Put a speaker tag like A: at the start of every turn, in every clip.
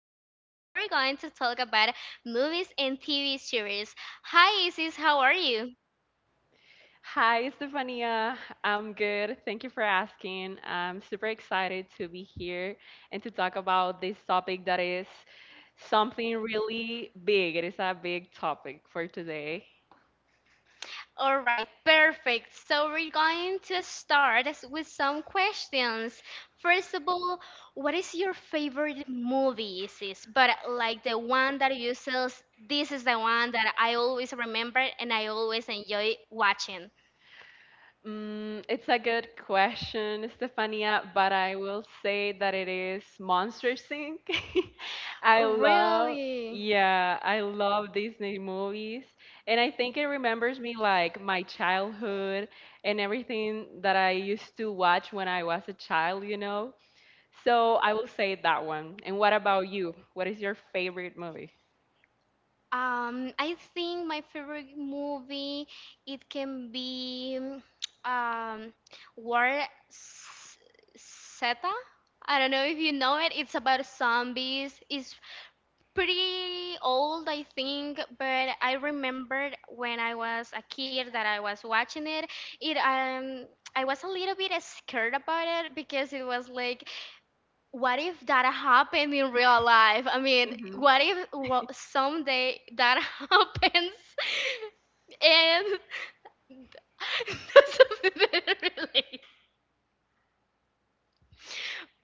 A: Isis, and we're going to talk about movies and TV series. Hi Isis, how are you?
B: Hi, Stefania. I'm good. Thank you for asking. I'm super excited to be here and to talk about this topic that is something really big. It is a big topic for today.
A: All right, perfect. So we're going to start us with some questions. First of all, what is your favorite movie, Isis? But like the one that you says, this is the one that I always remember and I always enjoy watching.
B: It's a good question, Stefania, but I will say that it is Monster Inc. I love,
A: Really?
B: yeah, I love Disney movies, and I think it remembers me like my childhood and everything that I used to watch when I was a child, you know. So I will say that one. And what about you? What is your favorite movie?
A: I think my favorite movie it can be um War S- Zeta. I don't know if you know it. It's about zombies. It's pretty old, I think, but I remembered when I was a kid that I was watching it. It I was a little bit scared about it because it was like, what if that happened in real life? I mean,
B: Mhm.
A: what if someday that happens and that's something that relates?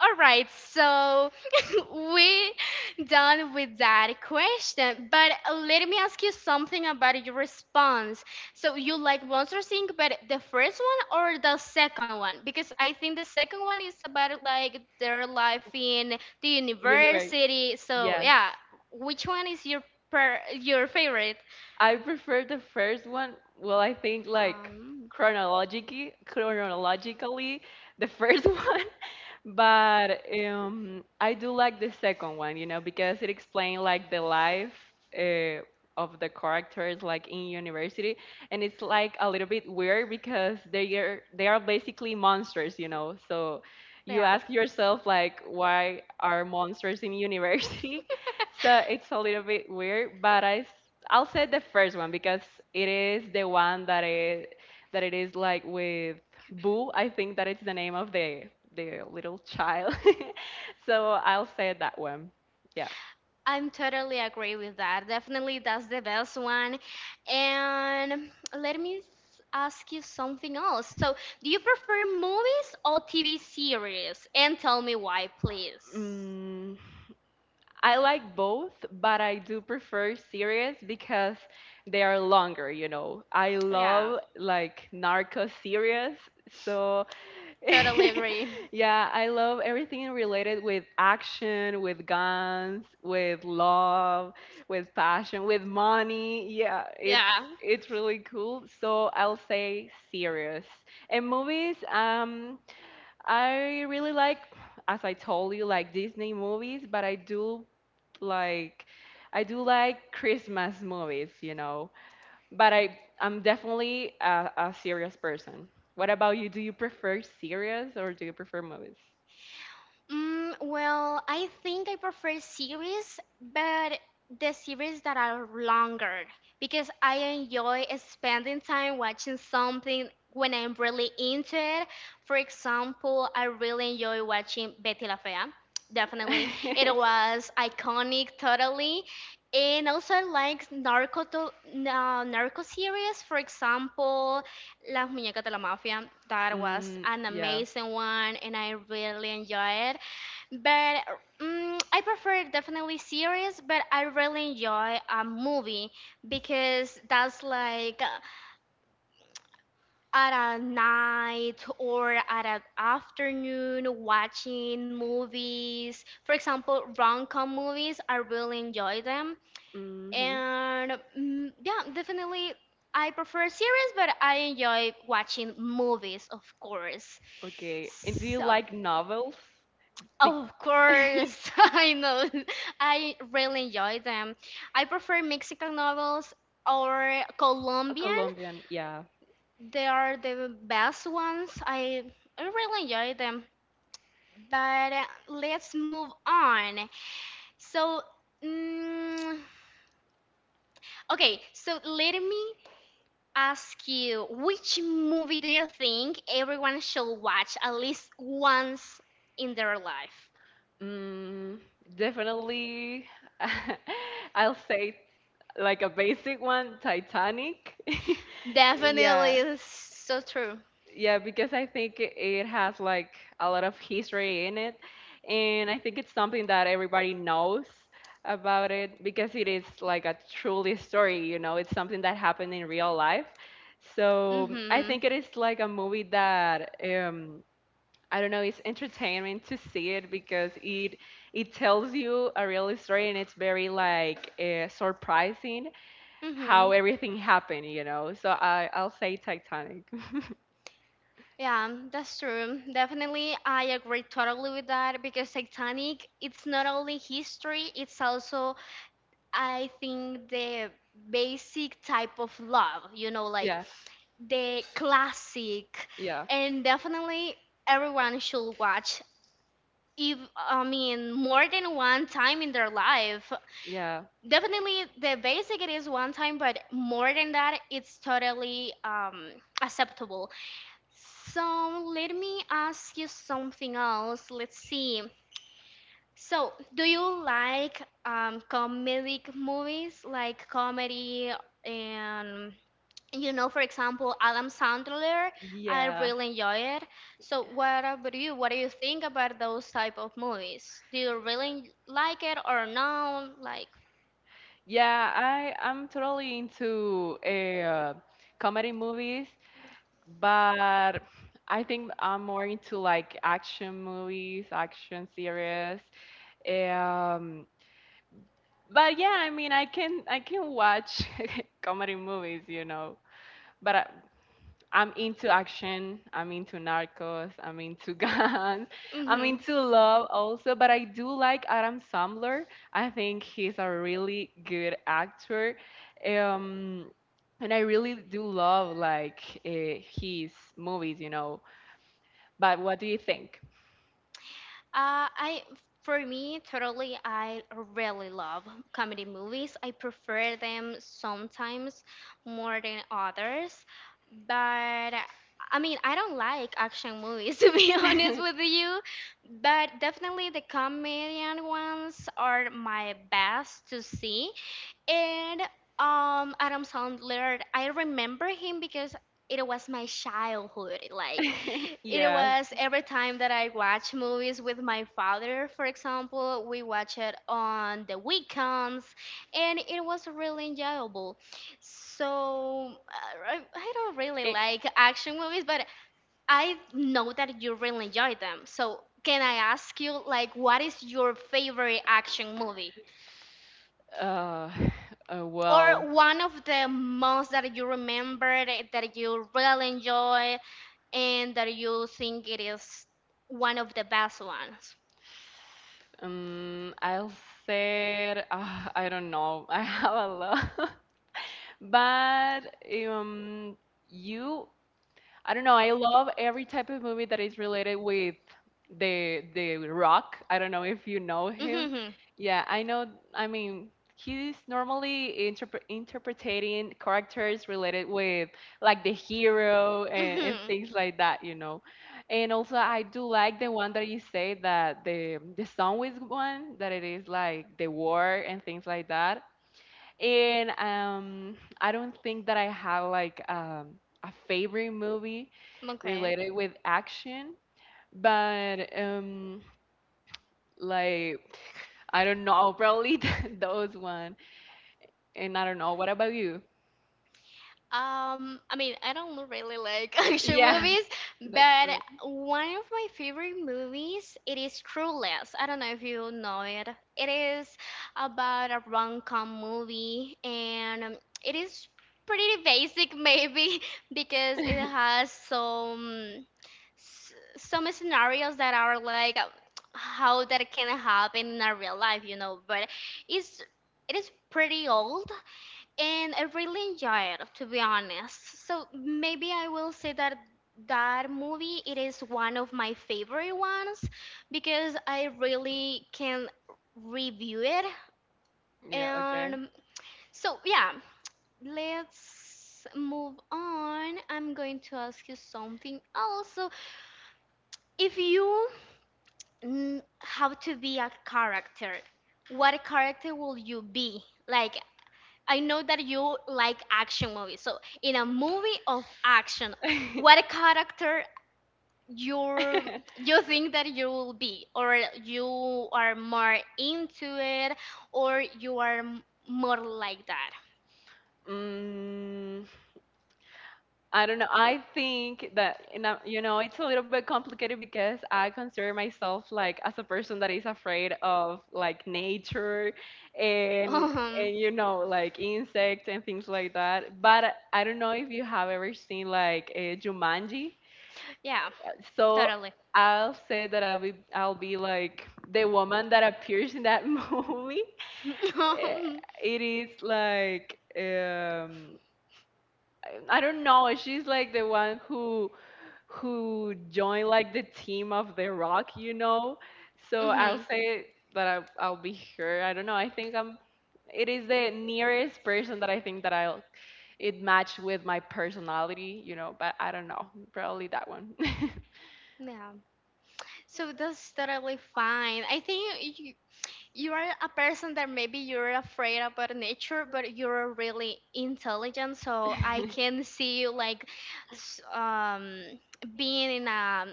A: All right, so we done with that question, but let me ask you something about your response. So you like Monster Inc., but the first one or the second one? Because I think the second one is about like their life in the
B: Universe.
A: university. So
B: Yes.
A: yeah, which one is your per your favorite?
B: I prefer the first one. Well, I think like
A: Um,
B: chronologically, the first one, but I do like the second one, you know, because it explains like the life uh, of the characters like in university, and it's like a little bit weird because they are basically monsters, you know. So you
A: yeah.
B: ask yourself like, why are monsters in university? So it's a little bit weird, but I'll say the first one because it is the one that it is like with Boo. I think that it's the name of the little child. So I'll say that one. Yeah.
A: I'm totally agree with that. Definitely, that's the best one. And let me ask you something else. So, do you prefer movies or TV series? And tell me why, please.
B: Mm, I like both, but I do prefer series because they are longer, you know. I
A: Yeah,
B: love like narco series, so
A: totally agree.
B: yeah, I love everything related with action, with guns, with love, with passion, with money. Yeah, it's
A: Yeah.
B: it's really cool. So I'll say serious. And movies, I really like, as I told you, like Disney movies, but like I do like Christmas movies, you know, but I'm definitely a serious person. What about you? Do you prefer series or do you prefer movies?
A: Well, I think I prefer series, but the series that are longer because I enjoy spending time watching something when I'm really into it. For example, I really enjoy watching Betty La Fea. Definitely. It was iconic, totally. And also, I like narco, narco series. For example, Las Muñecas de la Mafia. That was an
B: Yeah.
A: amazing one, and I really enjoy it. But I prefer definitely series, but I really enjoy a movie because that's like at a night or at an afternoon watching movies. For example, rom-com movies, I really enjoy them.
B: Hmm.
A: And yeah, definitely I prefer series, but I enjoy watching movies, of course.
B: Okay. And do you
A: So.
B: like novels? Be-
A: Of course, I know. I really enjoy them. I prefer Mexican novels or
B: A
A: Colombian.
B: Colombian, yeah.
A: They are the best ones. I really enjoy them. But let's move on. So, mm, okay, so let me ask you, which movie do you think everyone should watch at least once in their life?
B: Mm, definitely, I'll say like a basic one, Titanic. Yeah.
A: Definitely, it's so true.
B: Yeah, because I think it has like a lot of history in it. And I think it's something that everybody knows about it because it is like a truly story, you know, it's something that happened in real life. So I
A: Mhm.
B: think it is like a movie that I don't know, it's entertainment to see it because it tells you a real story and it's very like surprising how
A: Mhm.
B: everything happened, you know. So I'll say Titanic.
A: Yeah, that's true. Definitely, I agree totally with that because Titanic, it's not only history, it's also, I think, the basic type of love, like
B: Yeah,
A: the classic.
B: yeah,
A: And definitely, everyone should watch, if, I mean, more than one time in their life.
B: yeah,
A: Definitely the basic it is one time, but more than that, it's totally acceptable. So let me ask you something else. Let's see. So, do you like comedic movies like comedy and for example, Adam Sandler? I
B: yeah,
A: really enjoy it. So, what about you? What do you think about those type of movies? Do you really like it or no? Like,
B: yeah. I'm totally into comedy movies, but I think I'm more into like action movies, action series. Um, but yeah, I mean, I can watch comedy movies, you know. But I'm into action. I'm into Narcos. I'm into guns. I'm
A: Mhm.
B: into love also. But I do like Adam Sandler. I think he's a really good actor. Um, and I really do love like his movies, you know. But what do you think?
A: I for me totally I really love comedy movies. I prefer them sometimes more than others, but I mean I don't like action movies to be honest with you, but definitely the comedian ones are my best to see. And Adam Sandler, I remember him because it was my childhood. Like, it
B: Yeah.
A: was every time that I watch movies with my father, for example, we watch it on the weekends, and it was really enjoyable. So, I don't really
B: Eh,
A: like action movies, but I know that you really enjoy them. So, can I ask you, like, what is your favorite action movie?
B: Uh, uh, well,
A: Or one of the months that you remember that you really enjoy and that you think it is one of the best ones.
B: I'll say I don't know. I have a lot, but um, you I don't know. I love every type of movie that is related with the Rock. I don't know if you know him.
A: Mm-hmm.
B: Yeah, I know. I mean, he's normally interpreting characters related with like the hero and
A: Mm-hmm.
B: things like that, you know. And also, I do like the one that you say that the song with one that it is like the war and things like that. And I don't think that I have like a favorite movie
A: Okay.
B: related with action, but like I don't know, probably those one. And I don't know. What about you?
A: I mean, I don't really like action
B: Yeah,
A: movies, but
B: that's
A: one of my favorite movies it is Clueless. I don't know if you know it. It is about a rom-com movie, and it is pretty basic maybe because it
B: it.
A: has some scenarios that are like how that can happen in a real life. But it's it is pretty old and I really enjoy it, to be honest. So maybe I will say that that movie it is one of my favorite ones because I really can review it.
B: Yeah. Okay.
A: And so yeah, let's move on. I'm going to ask you something also. If you have to be a character, what character will you be? Like I know that you like action movies. So, in a movie of action, what character you you think that you will be, or you are more into it, or you are more like that?
B: mm, I don't know. I think that you know it's a little bit complicated because I consider myself like as a person that is afraid of like nature and
A: Um,
B: you know like insects and things like that. But I don't know if you have ever seen like a Jumanji.
A: yeah,
B: So
A: totally.
B: I'll say that I'll be like the woman that appears in that movie. Eh, It is like I don't know. She's like the one who joined like the team of The Rock, you know. So
A: hmm
B: I'll say that I'll be sure. I don't know. I think I'm. It is the nearest person that I think that I'll it matched with my personality, you know. But I don't know. Probably that one.
A: Yeah. So that's totally fine. I think you are a person that maybe you're afraid about nature, but you're really intelligent. So I can see you like s- um, being in a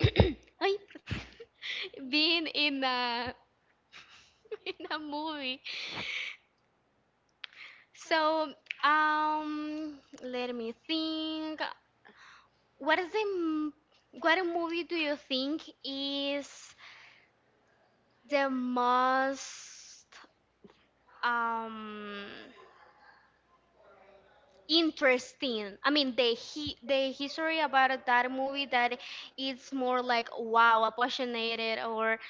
A: Ay, being in a in a movie. So let me think. What is the what movie do you think is the most um? interesting. I mean, the he, the history about that movie that it's more like wow, passionate,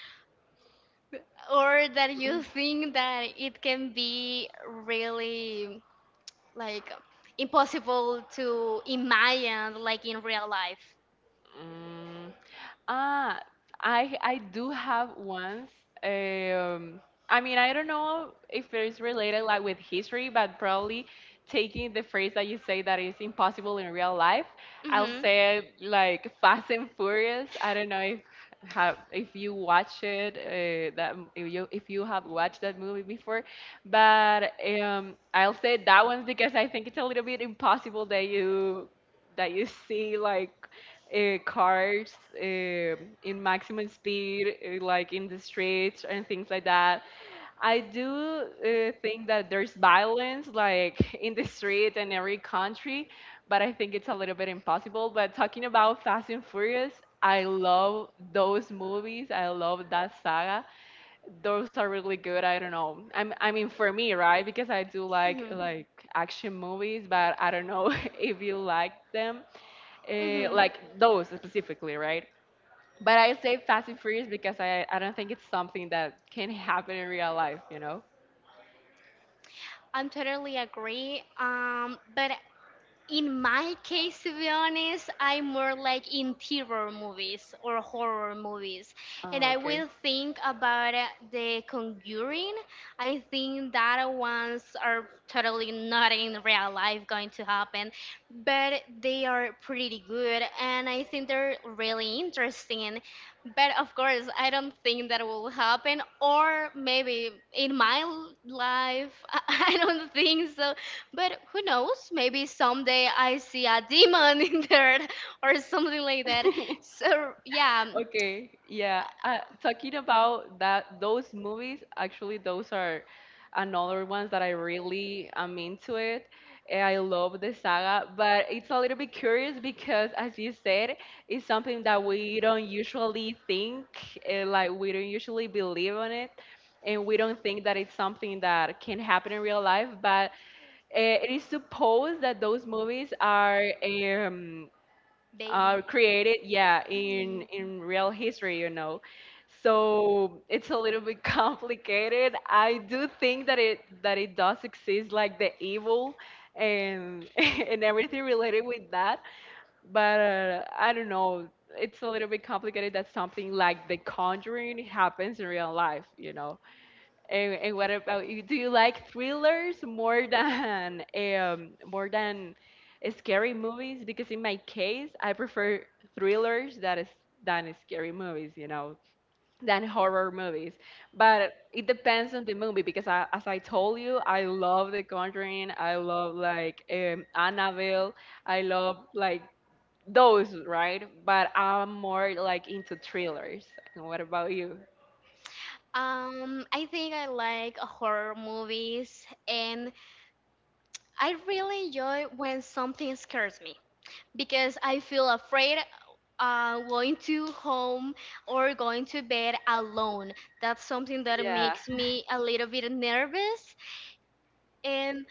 A: or that you think that it can be really like impossible to imagine like in real life.
B: Mm, Ah, I do have once. Um, I mean, I don't know if it is related like with history, but probably taking the phrase that you say that is impossible in real life, I'll say it like Fast and Furious. I don't know if have if you watch it if you have watched that movie before, but I'll say that one because I think it's a little bit impossible that you see like cars in maximum speed, like in the streets and things like that. I do think that there's violence like in the street in every country, but I think it's a little bit impossible. But talking about Fast and Furious, I love those movies. I love that saga. Those are really good. I don't know. I mean, for me, right? Because I do
A: Mhm.
B: like action movies, but I don't know if you like them
A: Mhm.
B: like those specifically, right? But I say Fast and Furious because I don't think it's something that can happen in real life, you know?
A: I'm totally agree. But in my case, to be honest, I'm more like in terror movies or horror movies. And
B: Oh,
A: I
B: okay.
A: will think about The Conjuring. I think that ones are totally not in real life going to happen, but they are pretty good. And I think they're really interesting. But of course, I don't think that will happen, or maybe in my life, I don't think so. But who knows? Maybe someday I see a demon in there or something like that. So, yeah,
B: Okay, yeah. Talking about that, those movies, actually, those are another ones that I really am into it, and I love the saga, but it's a little bit curious because, as you said, it's something that we don't usually think, like we don't usually believe on it, and we don't think that it's something that can happen in real life. But it is supposed that those movies are.
A: base.
B: Created, yeah,
A: Mm.
B: in real history, you know. So it's a little bit complicated. I do think that it does exist, like the evil and and everything related with that. But I don't know. It's a little bit complicated that something like The Conjuring happens in real life, you know. And what about you? Do you like thrillers more than scary movies? Because in my case, I prefer thrillers that is than scary movies, you know, than horror movies. But it depends on the movie because I, as I told you, I love The Conjuring. I love like Annabelle. I love like those, right? But I'm more like into thrillers. And what about you?
A: I think I like horror movies, and I really enjoy when something scares me. Because I feel afraid going to home or going to bed alone. That's something that
B: Yeah,
A: makes me a little bit nervous. And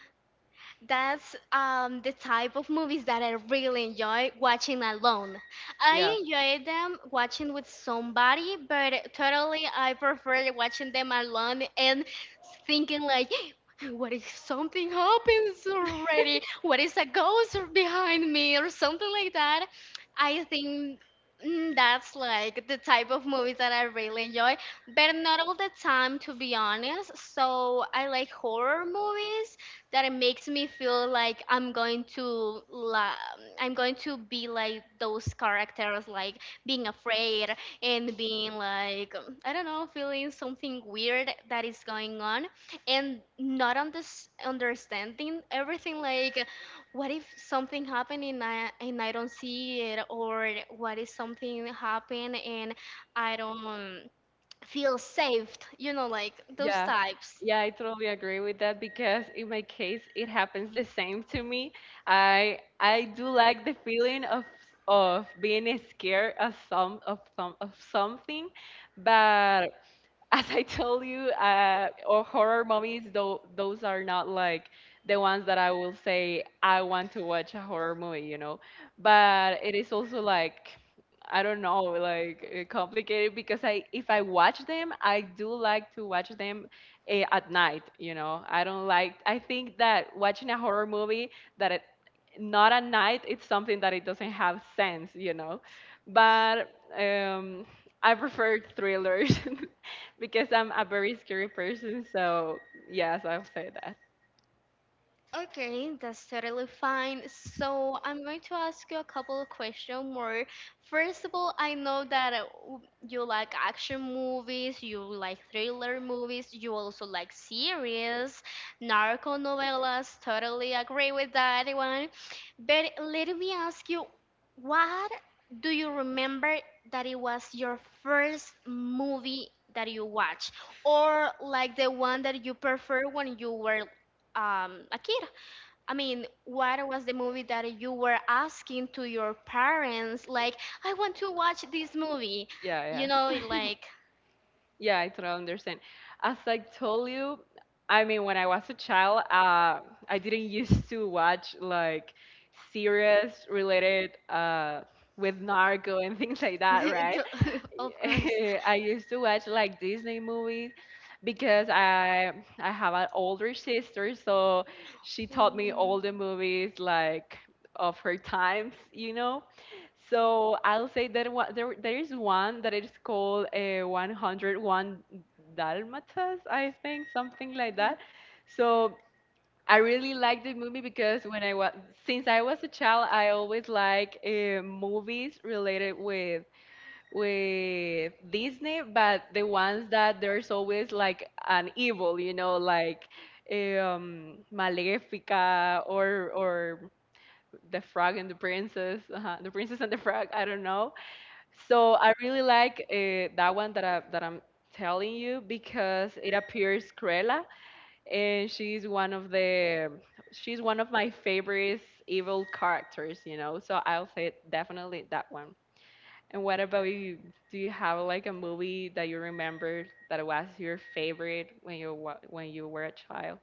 A: that's the type of movies that I really enjoy watching alone.
B: yeah.
A: I enjoy them watching with somebody, but totally I prefer watching them alone and thinking like, what if something happens already? What is a ghost behind me or something like that? I think that's like the type of movies that I really enjoy, but not all the time to be honest. So I like horror movies that it makes me feel like I'm going to la- I'm going to be like those characters like being afraid and being like I don't know, feeling something weird that is going on and not understanding everything like what if something happened and I don't see it or what if something happened and I don't feel saved, you know, like those
B: Yeah.
A: types.
B: Yeah, I totally agree with that because in my case it happens the same to me. I do like the feeling of being scared of some of something, but as I told you, or horror movies, though those are not like the ones that I will say I want to watch a horror movie, you know. But it is also like I don't know, like complicated because I if I watch them, I do like to watch them at night, you know. I don't like. I think that watching a horror movie that it, not at night, it's something that it doesn't have sense, you know. But um, I prefer thrillers. Because I'm a very scary person. So yes, I'll say that.
A: Okay, that's totally fine. So I'm going to ask you a couple of questions more. First of all, I know that you like action movies, you like thriller movies, you also like series, narco novelas. Totally agree with that one. But let me ask you, what do you remember that it was your first movie that you watched, or like the one that you prefer when you were a kid? I mean, what was the movie that you were asking to your parents, like, I want to watch this movie? You
B: Yeah,
A: know,
B: yeah.
A: like,
B: Yeah, I totally understand. As I told you, I mean, when I was a child, I didn't used to watch like series related with narco and things like that, right?
A: of course.
B: I used to watch like Disney movies because I have an older sister, so she taught me all
A: Mm,
B: the movies like of her times, you know. So I'll say that one, there is one that is called a 101 Dalmatas, I think, something like
A: mhm.
B: that. So I really like the movie because when I was since I was a child, I always like movies related with Disney, but the ones that there's always like an evil, you know, like Malefica or the Frog and the Princess and the Frog. I don't know. So I really like that one that I'm telling you because it appears Cruella, and she's one of my favorite evil characters, you know. So I'll say definitely that one. And what about you? Do you have like a movie that you remember that was your favorite when you when you were a child?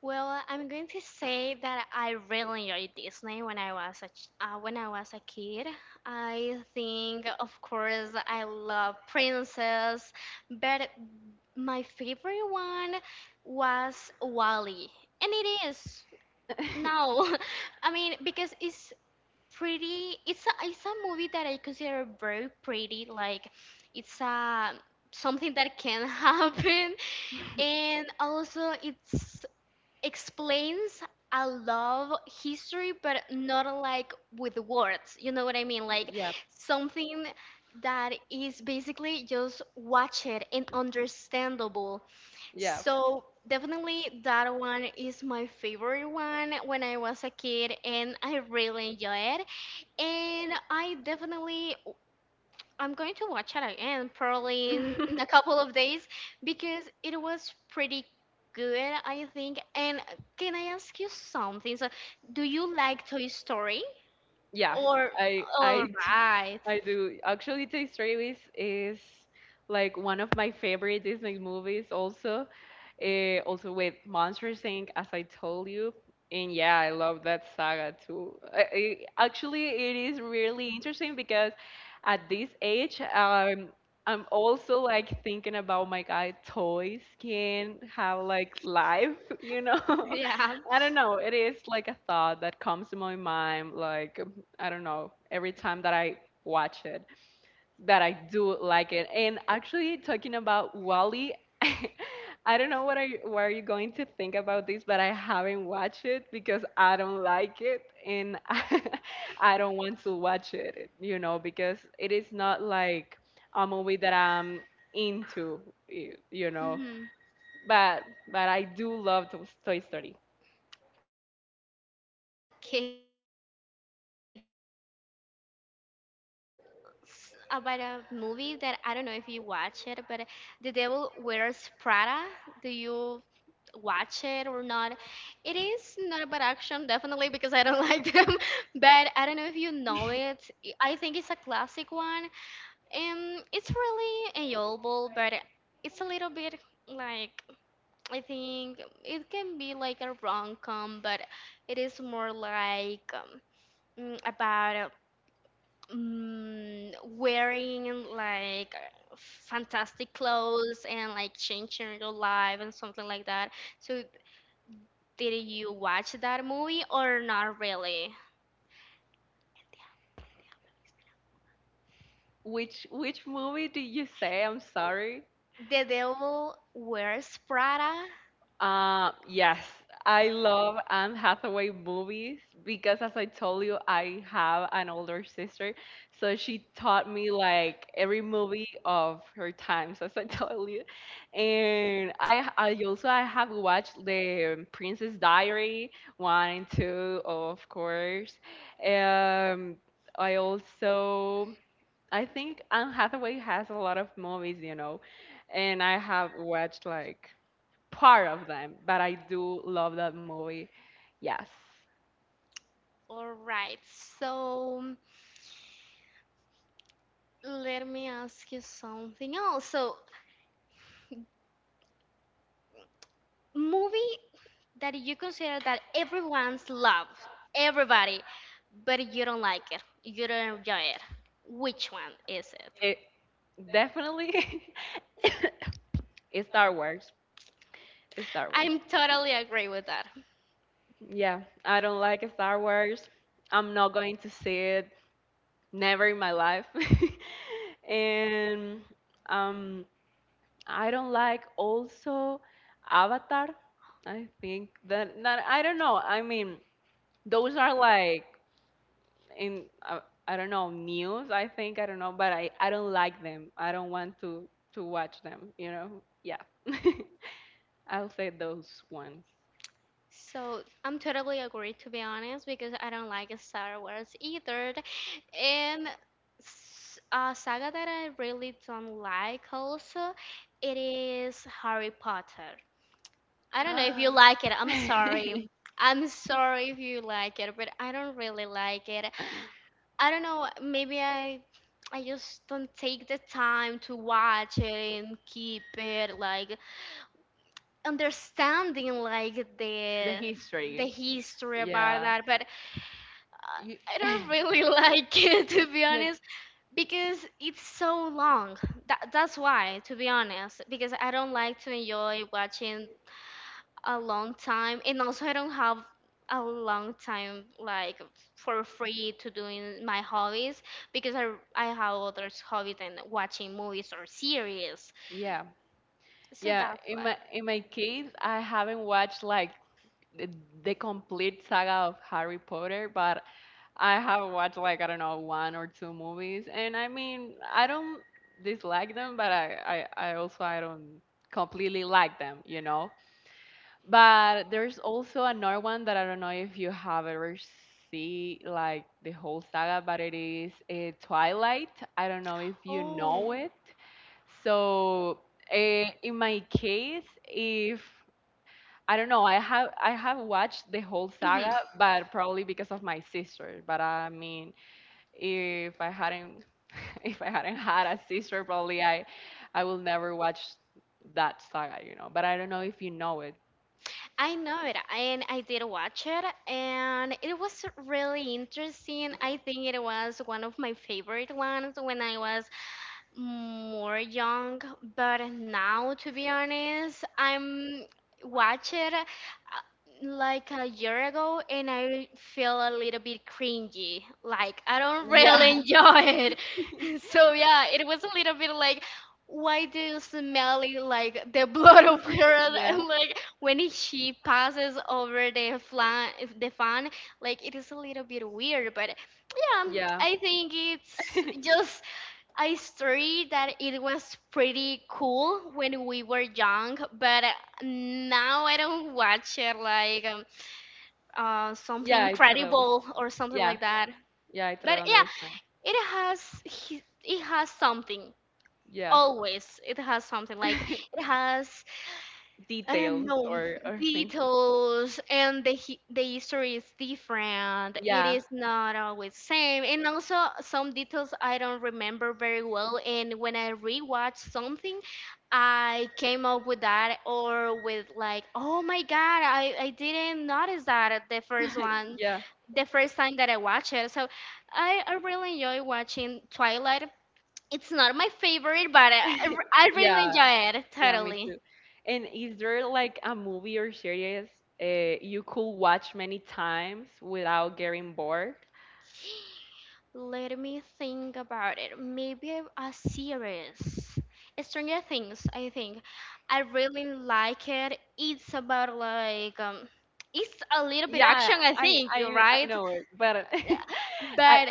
A: Well, I'm going to say that I really enjoyed Disney when I was a when I was a kid. I think, of course, I love Princess, but my favorite one was Wally, and it is now. I mean, because it's pretty. It's a movie that I consider very pretty. Like, it's a something that can happen and also it's explains a love history, but not like with words. You know what I mean? Like
B: Yeah,
A: something that is basically just watch it and understandable.
B: yeah.
A: So definitely that one is my favorite one when I was a kid and I really enjoy it. And I definitely I'm going to watch it again probably in, in a couple of days because it was pretty good, I think. And can I ask you something? So, do you like Toy Story?
B: Yes,
A: Or
B: I
A: all
B: I d-
A: right,
B: I do. Actually, Toy Story is like one of my favorite Disney movies also. Also with Monster Inc., as I told you. And yeah, I love that saga too. Actually, it is really interesting because at this age, I'm also like thinking about my guy toys can have like life, you know?
A: yeah.
B: I don't know. It is like a thought that comes to my mind, like, I don't know, every time that I watch it that I do like it. And actually, talking about Wally, I don't know what are you going to think about this, but I haven't watched it because I don't like it, and I don't want to watch it. You know, because it is not like a movie that I'm into. You know,
A: Mm-hmm.
B: but but I do love Toy Story.
A: Okay, totally agree. So I'm gonna ask you about a movie that I don't know if you watch it, but The Devil Wears Prada. Do you watch it or not? It is not about action, definitely, because I don't like them, but I don't know if you know it. I think it's a classic one. It's really enjoyable, but it's a little bit like I think it can be like a rom-com, but it is more like about um, wearing like fantastic clothes and like changing your life and something like that. So did you watch that movie or not really?
B: Which movie did you say? I'm sorry.
A: The Devil Wears Prada.
B: Yes, I love Anne Hathaway movies because, as I told you, I have an older sister, so she taught me like every movie of her times, as I told you, and I also I have watched the Princess Diary one and two, of course. Um, I also I think Anne Hathaway has a lot of movies, you know, and I have watched like part of them, but I do love that movie. Yes,
A: All right, so let me ask you something else. So, movie that you consider that everyone's love, everybody, but you don't like it, you don't enjoy it. Which one is it?
B: it definitely is Star Wars. It's Star Wars.
A: I'm totally agree with that.
B: Yeah, I don't like Star Wars. I'm not going to see it. Never in my life. And um, I don't like also Avatar. I think that I don't know. I mean, those are like in I don't know news. I think I don't know, but I don't like them. I don't want to watch them. You know, yeah. I'll say those ones.
A: So I'm totally agree to be honest because I don't like Star Wars either, and a saga that I really don't like also it is Harry Potter. I don't know if you like it. I'm sorry. I'm sorry if you like it, but I don't really like it. I don't know, maybe I just don't take the time to watch it and keep it like understanding like
B: The
A: the
B: history,
A: history about
B: yeah.
A: that, but
B: You,
A: I don't really like it to be
B: yeah,
A: honest because it's so long. That's why, to be honest, because I don't like to enjoy watching a long time and also I don't have a long time like for free to doing my hobbies because I have other hobbies than watching movies or series,
B: yeah,
A: so
B: yeah.
A: that's
B: In
A: why.
B: my in my case, I haven't watched like the, the complete saga of Harry Potter, but I have watched like I don't know one or two movies, and I mean I don't dislike them, but I also I don't completely like them, you know. But there's also another one that I don't know if you have ever see like the whole saga, but it is Twilight. I don't know if you
A: Oh,
B: know it. So uh, in my case, if I don't know. I have watched the whole
A: hmm.
B: saga, but probably because of my sister. But I mean, if I hadn't if I hadn't had a sister, probably I will never watch that saga, you know. But I don't know if you know it.
A: I know it, and I did watch it, and it was really interesting. I think it was one of my favorite ones when I was more young, but now, to be honest, I'm watch it like a year ago, and I feel a little bit cringy. Like I don't
B: Yeah,
A: really enjoy it. So yeah, it was a little bit like, why do you smell it like the blood of her?
B: yeah,
A: And, like when she passes over the flan, the fan, like it is a little bit weird, but yeah,
B: yeah,
A: I think it's just I story that it was pretty cool when we were young, but now I don't watch it like something
B: yeah. I totally,
A: incredible or something
B: yeah,
A: like that.
B: yeah. I
A: But
B: totally
A: yeah,
B: understand.
A: it has it has something
B: Yeah,
A: always. It has something like it has I don't
B: details
A: know
B: or things.
A: details and the the history is different. It
B: Yeah,
A: is not always same, and also some details I don't remember very well. And when I rewatch something, I came up with that or with like, oh my god, I didn't notice that at the first one,
B: yeah,
A: the first time that I watched it. So I really enjoy watching Twilight. It's not my favorite, but I really
B: yeah,
A: enjoy it
B: yeah, me
A: totally.
B: too. And is there like a movie or series you could watch many times without getting bored?
A: Let me think about it. Maybe a series. Stranger Things, I think. I really like it. It's about like it's a little bit
B: Yeah,
A: action, I
B: I
A: think,
B: I I
A: right?
B: know it, but
A: Yeah.
B: I
A: But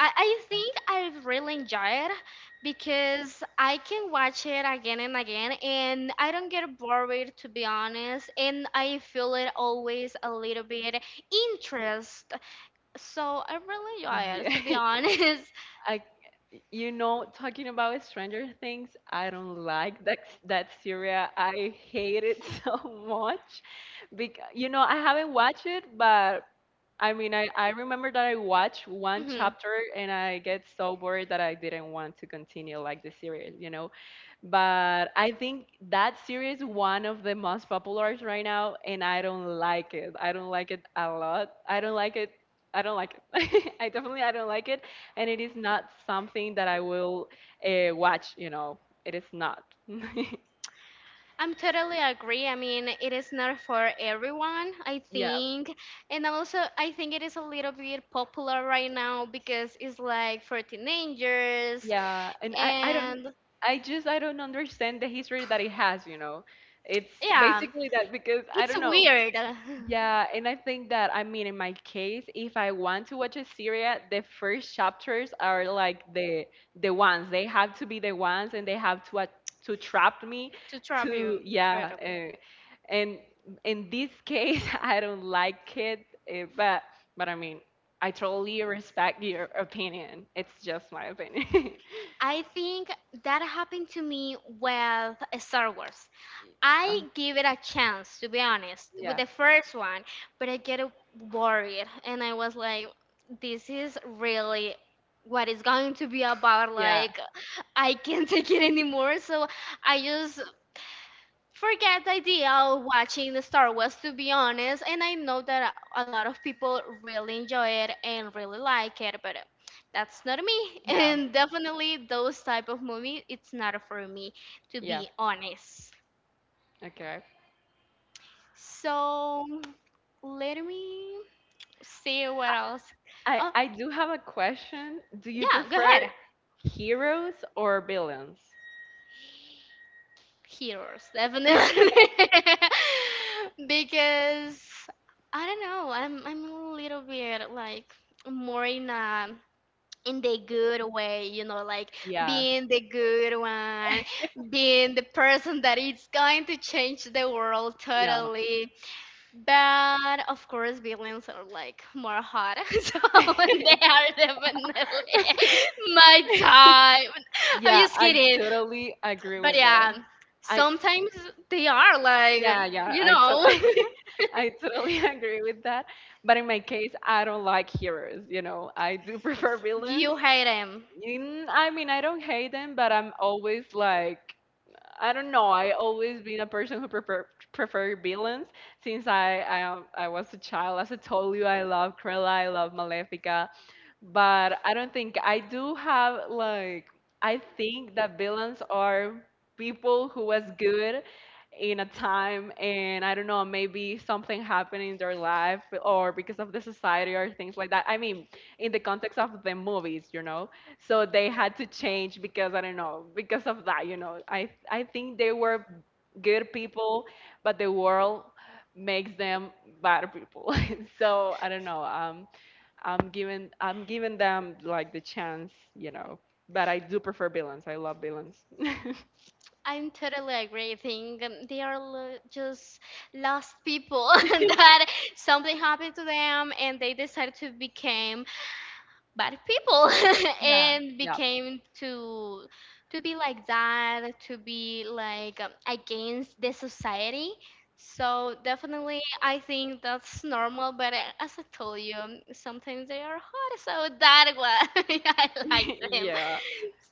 A: I think I really enjoy it because I can watch it again and again and I don't get bored to be honest and I feel it always a little bit interest. So I really enjoy it
B: yeah.
A: to be honest.
B: I, you know, talking about Stranger Things, I don't like that series. I hate it so much. Because you know, I haven't watched it, but I mean, I remember that I watched one
A: hmm.
B: chapter and I get so bored that I didn't want to continue like the series. You know, but I think that series one of the most populars right now, and I don't like it. I don't like it a lot. I don't like it. I don't like it. I definitely I don't like it, and it is not something that I will watch. You know, it is not.
A: I'm totally agree. I mean, it is not for everyone, I
B: Yeah,
A: think. And also, I think it is a little bit popular right now because it's like for teenagers.
B: yeah, and I don't.
A: And
B: I just I don't understand the history that it has. You know, it's
A: yeah,
B: basically that because I
A: it's
B: don't know.
A: weird
B: Yeah, and I think that I mean in my case, if I want to watch a series, the first chapters are like the ones. They have to be the ones and they have to trap me
A: to trap you.
B: to yeah,
A: Totally.
B: and in this case, I don't like it, uh, but but I mean, I totally respect your opinion. It's just my opinion.
A: I think that happened to me with Star Wars.
B: Uh,
A: I give it a chance, to be honest, with
B: yeah.
A: the first one, but I get worried, and I was like, this is really what it's going to be about.
B: Yeah.
A: Like, I can't take it anymore, so I just forget the idea of watching the Star Wars, to be honest. And I know that a lot of people really enjoy it and really like it, but that's not me.
B: Yeah.
A: And definitely, those type of movie, it's not for me, to
B: Yeah.
A: be honest.
B: Okay.
A: So let me see what else. Oh,
B: I do have a question. Do you
A: yeah, go
B: prefer
A: ahead.
B: heroes or villains?
A: Heroes, definitely. because I don't know, I'm a little bit like more in a in the good way, you know, like
B: Yeah,
A: being the good one, being the person that is going to change the world
B: yeah,
A: totally. But of course, villains are like more hot, so they are definitely my type. I'm
B: yeah.
A: just
B: I
A: kidding,
B: totally agree
A: but
B: with that.
A: yeah,
B: I
A: sometimes they are like,
B: yeah yeah.
A: you know,
B: I totally agree with that. But in my case, I don't like heroes. You know, I do prefer villains.
A: you hate them.
B: I mean, I don't hate them, but I'm always like I don't know. I always been a person who prefer villains since I was a child. As I told you, I love Krilla, I love Malefica, but I don't think I do have like I think that villains are people who was good in a time and I don't know maybe something happened in their life or because of the society or things like that. I mean, in the context of the movies, you know, so they had to change because I don't know because of that, you know, I think they were good people, but the world makes them bad people. So I don't know, I'm giving them like the chance, you know, but I do prefer villains. I love villains.
A: I'm totally agree. I think they are just lost people that something happened to them and they decided to become bad people
B: Yeah,
A: and
B: yeah.
A: became to be like that, to be like against the society. So definitely I think that's normal, but as I told you, sometimes they are hot, so that was I like them.
B: Yeah.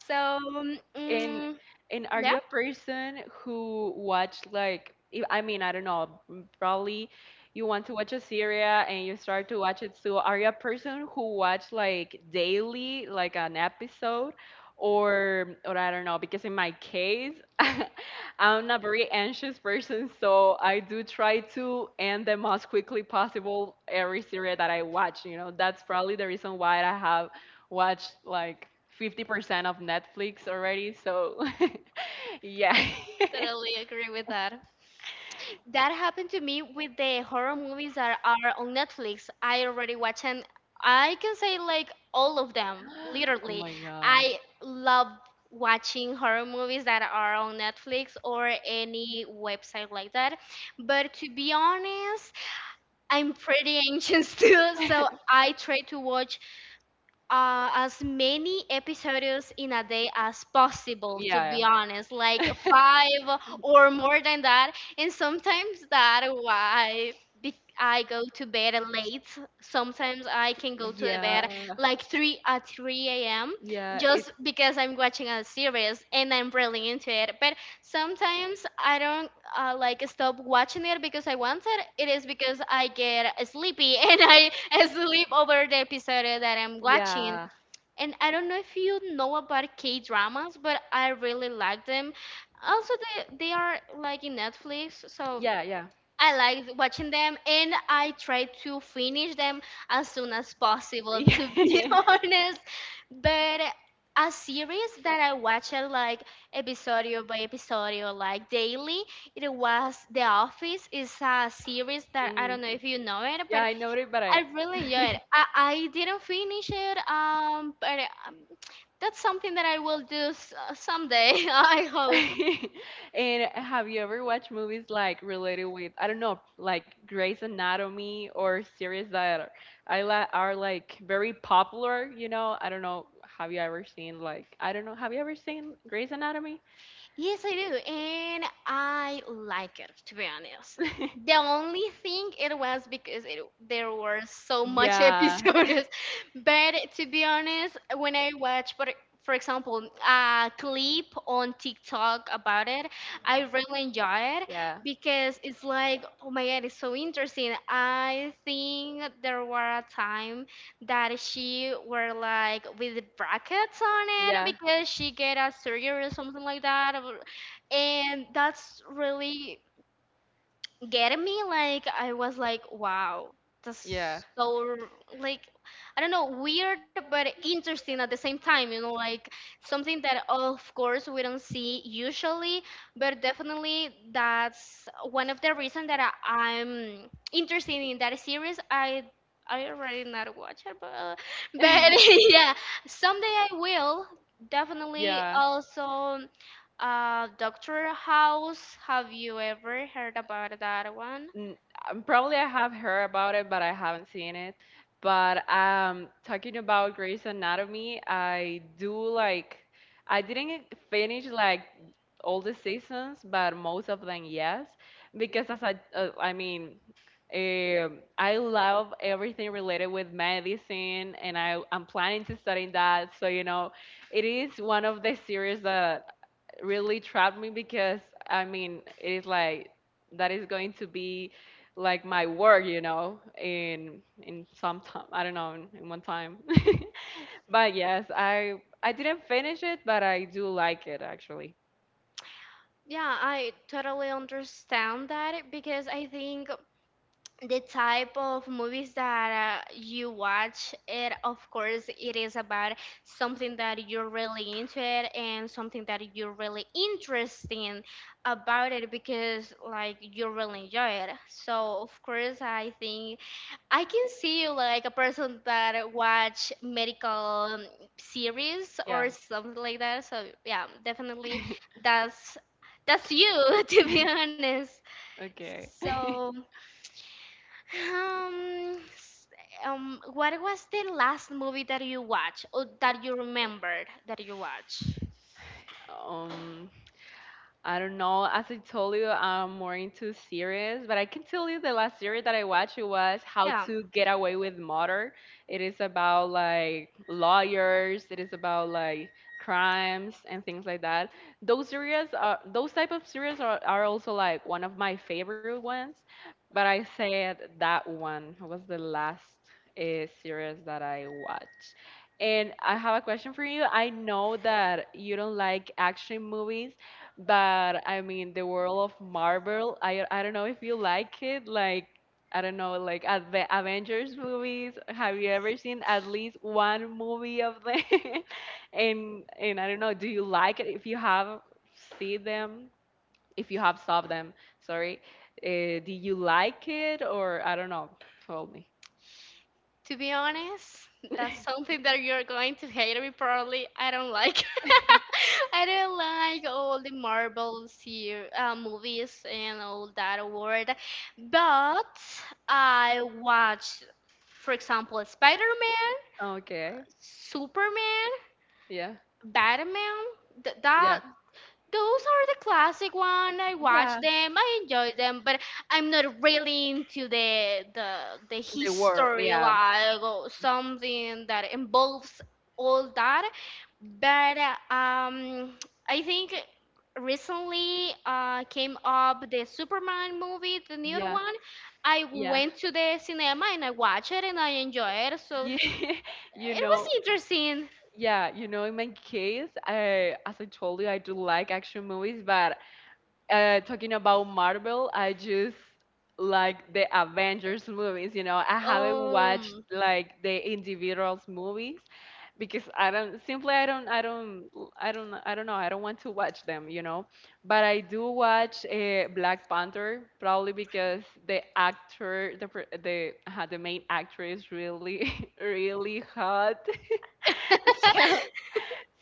A: So
B: And and are
A: yeah,
B: you a person who watch like, if, I mean, I don't know, probably you want to watch a series and you start to watch it, so are you a person who watch like daily like an episode or I don't know, because in my case, I'm a very anxious person, so I do try to end the most quickly possible every series that I watch, you know. That's probably the reason why I have watched like 50% of Netflix already. So, yeah.
A: totally agree with that. That happened to me with the horror movies that are on Netflix. I already watched and I can say like all of them,
B: Oh
A: literally.
B: my God.
A: I love watching horror movies that are on Netflix or any website like that. But to be honest, I'm pretty anxious too, so I try to watch as many episodes in a day as possible, to be
B: Yeah.
A: honest, like five or more than that. And sometimes that why be- I go to bed late. Sometimes I can go to the bed
B: Yeah.
A: like 3 at 3 a.m.
B: Yeah.
A: just because I'm watching a series and I'm really into it. But sometimes I don't like stop watching it because I want it. It is because I get sleepy and I sleep over the episode that I'm watching.
B: Yeah.
A: And I don't know if you know about K dramas, but I really like them. Also, they are like in Netflix, so
B: Yeah, yeah.
A: I like watching them and I try to finish them as soon as possible, to be
B: Yeah.
A: honest. But a series that I watched like episodio by episodio, like daily, it was The Office. It's a series that I
B: Mm.
A: don't know if you know it,
B: Yeah,
A: but
B: I know it, but I.
A: I really enjoy it. I didn't finish it, but um, that's something that I will do someday, I hope.
B: And have you ever watched movies like related with, I don't know, like Grey's Anatomy or series that are, I la are like very popular, you know? I don't know. Have you ever seen like, I don't know, have you ever seen Grey's Anatomy?
A: Yes, I do, and I like it to be honest. The only thing it was because it, there were so much
B: Yeah.
A: episodes, but to be honest, when I watch, but for example, a clip on TikTok about it, I really enjoy it
B: Yeah.
A: because it's like, oh my god, it's so interesting. I think there were a time that she were like with brackets on it
B: Yeah.
A: because she get a surgery or something like that. And that's really getting me like I was like wow,
B: Yeah.
A: that's so like I don't know weird but interesting at the same time, you know, like something that of course we don't see usually, but definitely that's one of the reasons that I'm interested in that series. I already not watch it, but but yeah, someday I will. Definitely
B: Yeah.
A: also Doctor House, have you ever heard about that one?
B: N- Probably I have heard about it, but I haven't seen it. But talking about Grey's Anatomy, I do like I didn't finish like all the seasons, but most of them yes, because as I mean, I love everything related with medicine, and I'm planning to study that. So you know, it is one of the series that really trapped me because I mean it is like that is going to be like my work, you know, in some time I don't know in one time. But yes, I didn't finish it, but I do like it actually.
A: Yeah, I totally understand that because I think the type of movies that you watch, it of course it is about something that you're really into it and something that you're really interested in about it because like you really enjoy it. So of course I think I can see you like a person that watch medical series
B: Yeah.
A: or something like that. So yeah, definitely that's that's you to be honest.
B: Okay.
A: So um, s- what was the last movie that you watched or that you remembered that you watched?
B: Um, I don't know. As I told you, I'm more into series, but I can tell you the last series that I watched it was How
A: Yeah.
B: to Get Away with Murder. It is about like lawyers. It is about like crimes and things like that. Those type of series are also like one of my favorite ones. But I said that one was the last series that I watched. And I have a question for you. I know that you don't like action movies, but I mean, the world of Marvel, I don't know if you like it. Like I don't know, like at the Avengers movies, have you ever seen at least one movie of them? And I don't know, do you like it? If you have seen them, if you have saw them, sorry, do you like it or I don't know? Tell me.
A: To be honest, that's something that you're going to hate me probably. I don't like. I don't like all the Marvel series, movies and all that world. But I watch, for example, Spider-Man,
B: Okay.
A: Superman,
B: Yeah.
A: Batman.
B: Yeah.
A: That those are the classic one. I watch them. I enjoy them, but I'm not really into the the
B: The world.
A: history
B: Yeah.
A: like or something that involves all that. But I think recently came up the Superman movie, the new
B: Yeah.
A: one. I
B: Yeah.
A: went to the cinema and I watched it and I enjoyed it. So
B: Yeah. You
A: it was
B: know.
A: interesting.
B: Yeah, you know, in my case, I, as I told you, I do like action movies, but talking about Marvel, I just like the Avengers movies. You know, I haven't watched
A: Um.
B: like the individuals movies because I don't simply I don't I don't I don't I don't know, I don't want to watch them. You know, but I do watch Black Panther probably because the actor the pr- the main actress really really hot.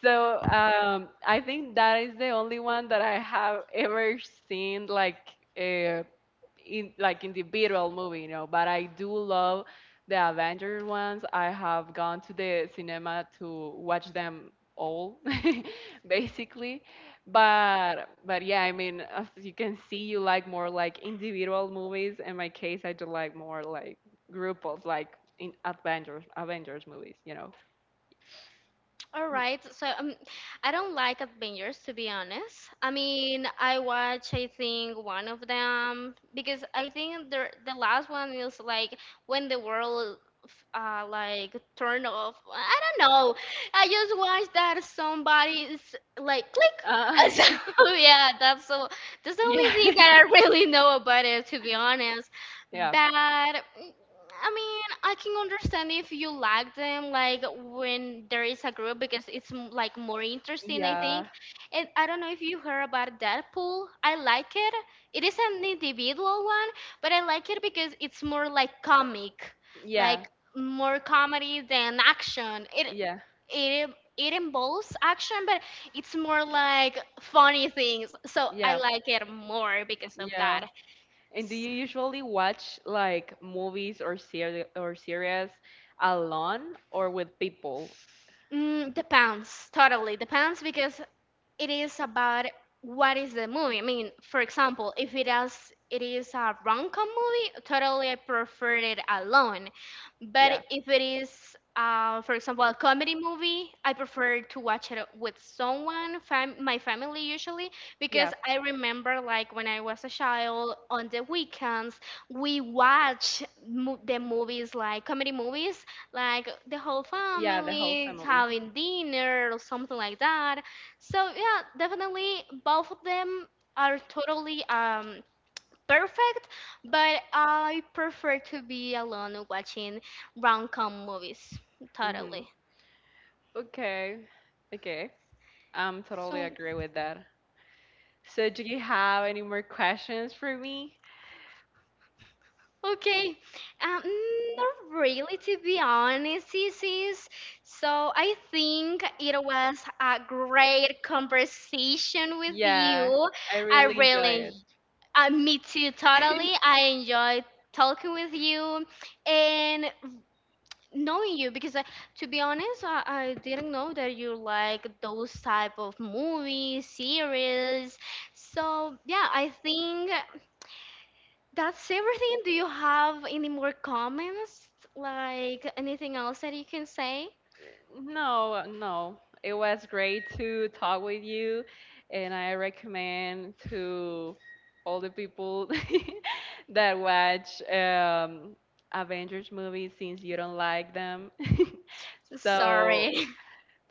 B: So I think that is the only one that I have ever seen like uh, in like individual movie, you know. But I do love the Avengers ones. I have gone to the cinema to watch them all, basically. But yeah, I mean, as you can see, you like more like individual movies. In my case, I do like more like group of like in Avengers movies, you know.
A: All right. So I don't like Avengers to be honest. I mean, I watch I think one of them because I think the last one is like when the world like turned off. I don't know. I just watched that somebody's like click.
B: Uh,
A: So yeah, that's so that's the only
B: Yeah.
A: thing that I really know about it to be honest.
B: Yeah.
A: But mm, I mean, I can understand if you like them, like when there is a group because it's like more interesting, I
B: Yeah.
A: think. And I don't know if you heard about Deadpool. I like it. It is an individual one, but I like it because it's more like comic, like
B: Yeah.
A: more comedy than action.
B: Yeah.
A: It it involves action, but it's more like funny things. So I
B: Yeah.
A: like it more because of that.
B: Yeah. And do you usually watch like movies or series alone or with people?
A: Mm, depends, totally depends because it is about what is the movie. I mean, for example, if it is a rom-com movie, totally I prefer it alone. But
B: Yeah.
A: if it is, for example, a comedy movie, I prefer to watch it with someone, my family usually,
B: Yeah.
A: because I remember like when I was a child on the weekends, we watch the movies like comedy movies, like the whole
B: Yeah, the whole
A: family
B: family.
A: having dinner or something like that. So yeah, definitely both of them are totally perfect, but I prefer to be alone watching rom-com movies.
B: Hmm.
A: Totally.
B: Okay. Okay. I'm totally
A: So
B: agree with that. So do you have any more questions for me?
A: okay, um, not really to be honest, sis. So I think it was a great conversation with
B: Yeah,
A: you.
B: I
A: I
B: really enjoy
A: really,
B: it.
A: me too, totally. I enjoyed talking with you, and knowing you because to be honest I didn't know that you like those type of movies series. So yeah, I think that's everything. Do you have any more comments like anything else that you can say?
B: No, no. It was great to talk with you, and I recommend to all the people that watch Avengers movies since you don't like them. So,
A: Sorry,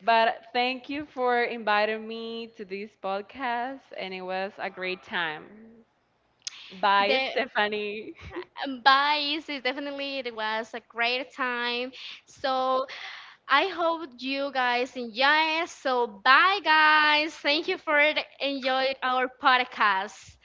B: but thank you for inviting me to this podcast, and it was a great time. Bye,
A: the
B: Stephanie.
A: bye, sis. Definitely, it was a great time. So, I hope you guys enjoy it. So, bye, guys. Thank you for enjoying our podcast.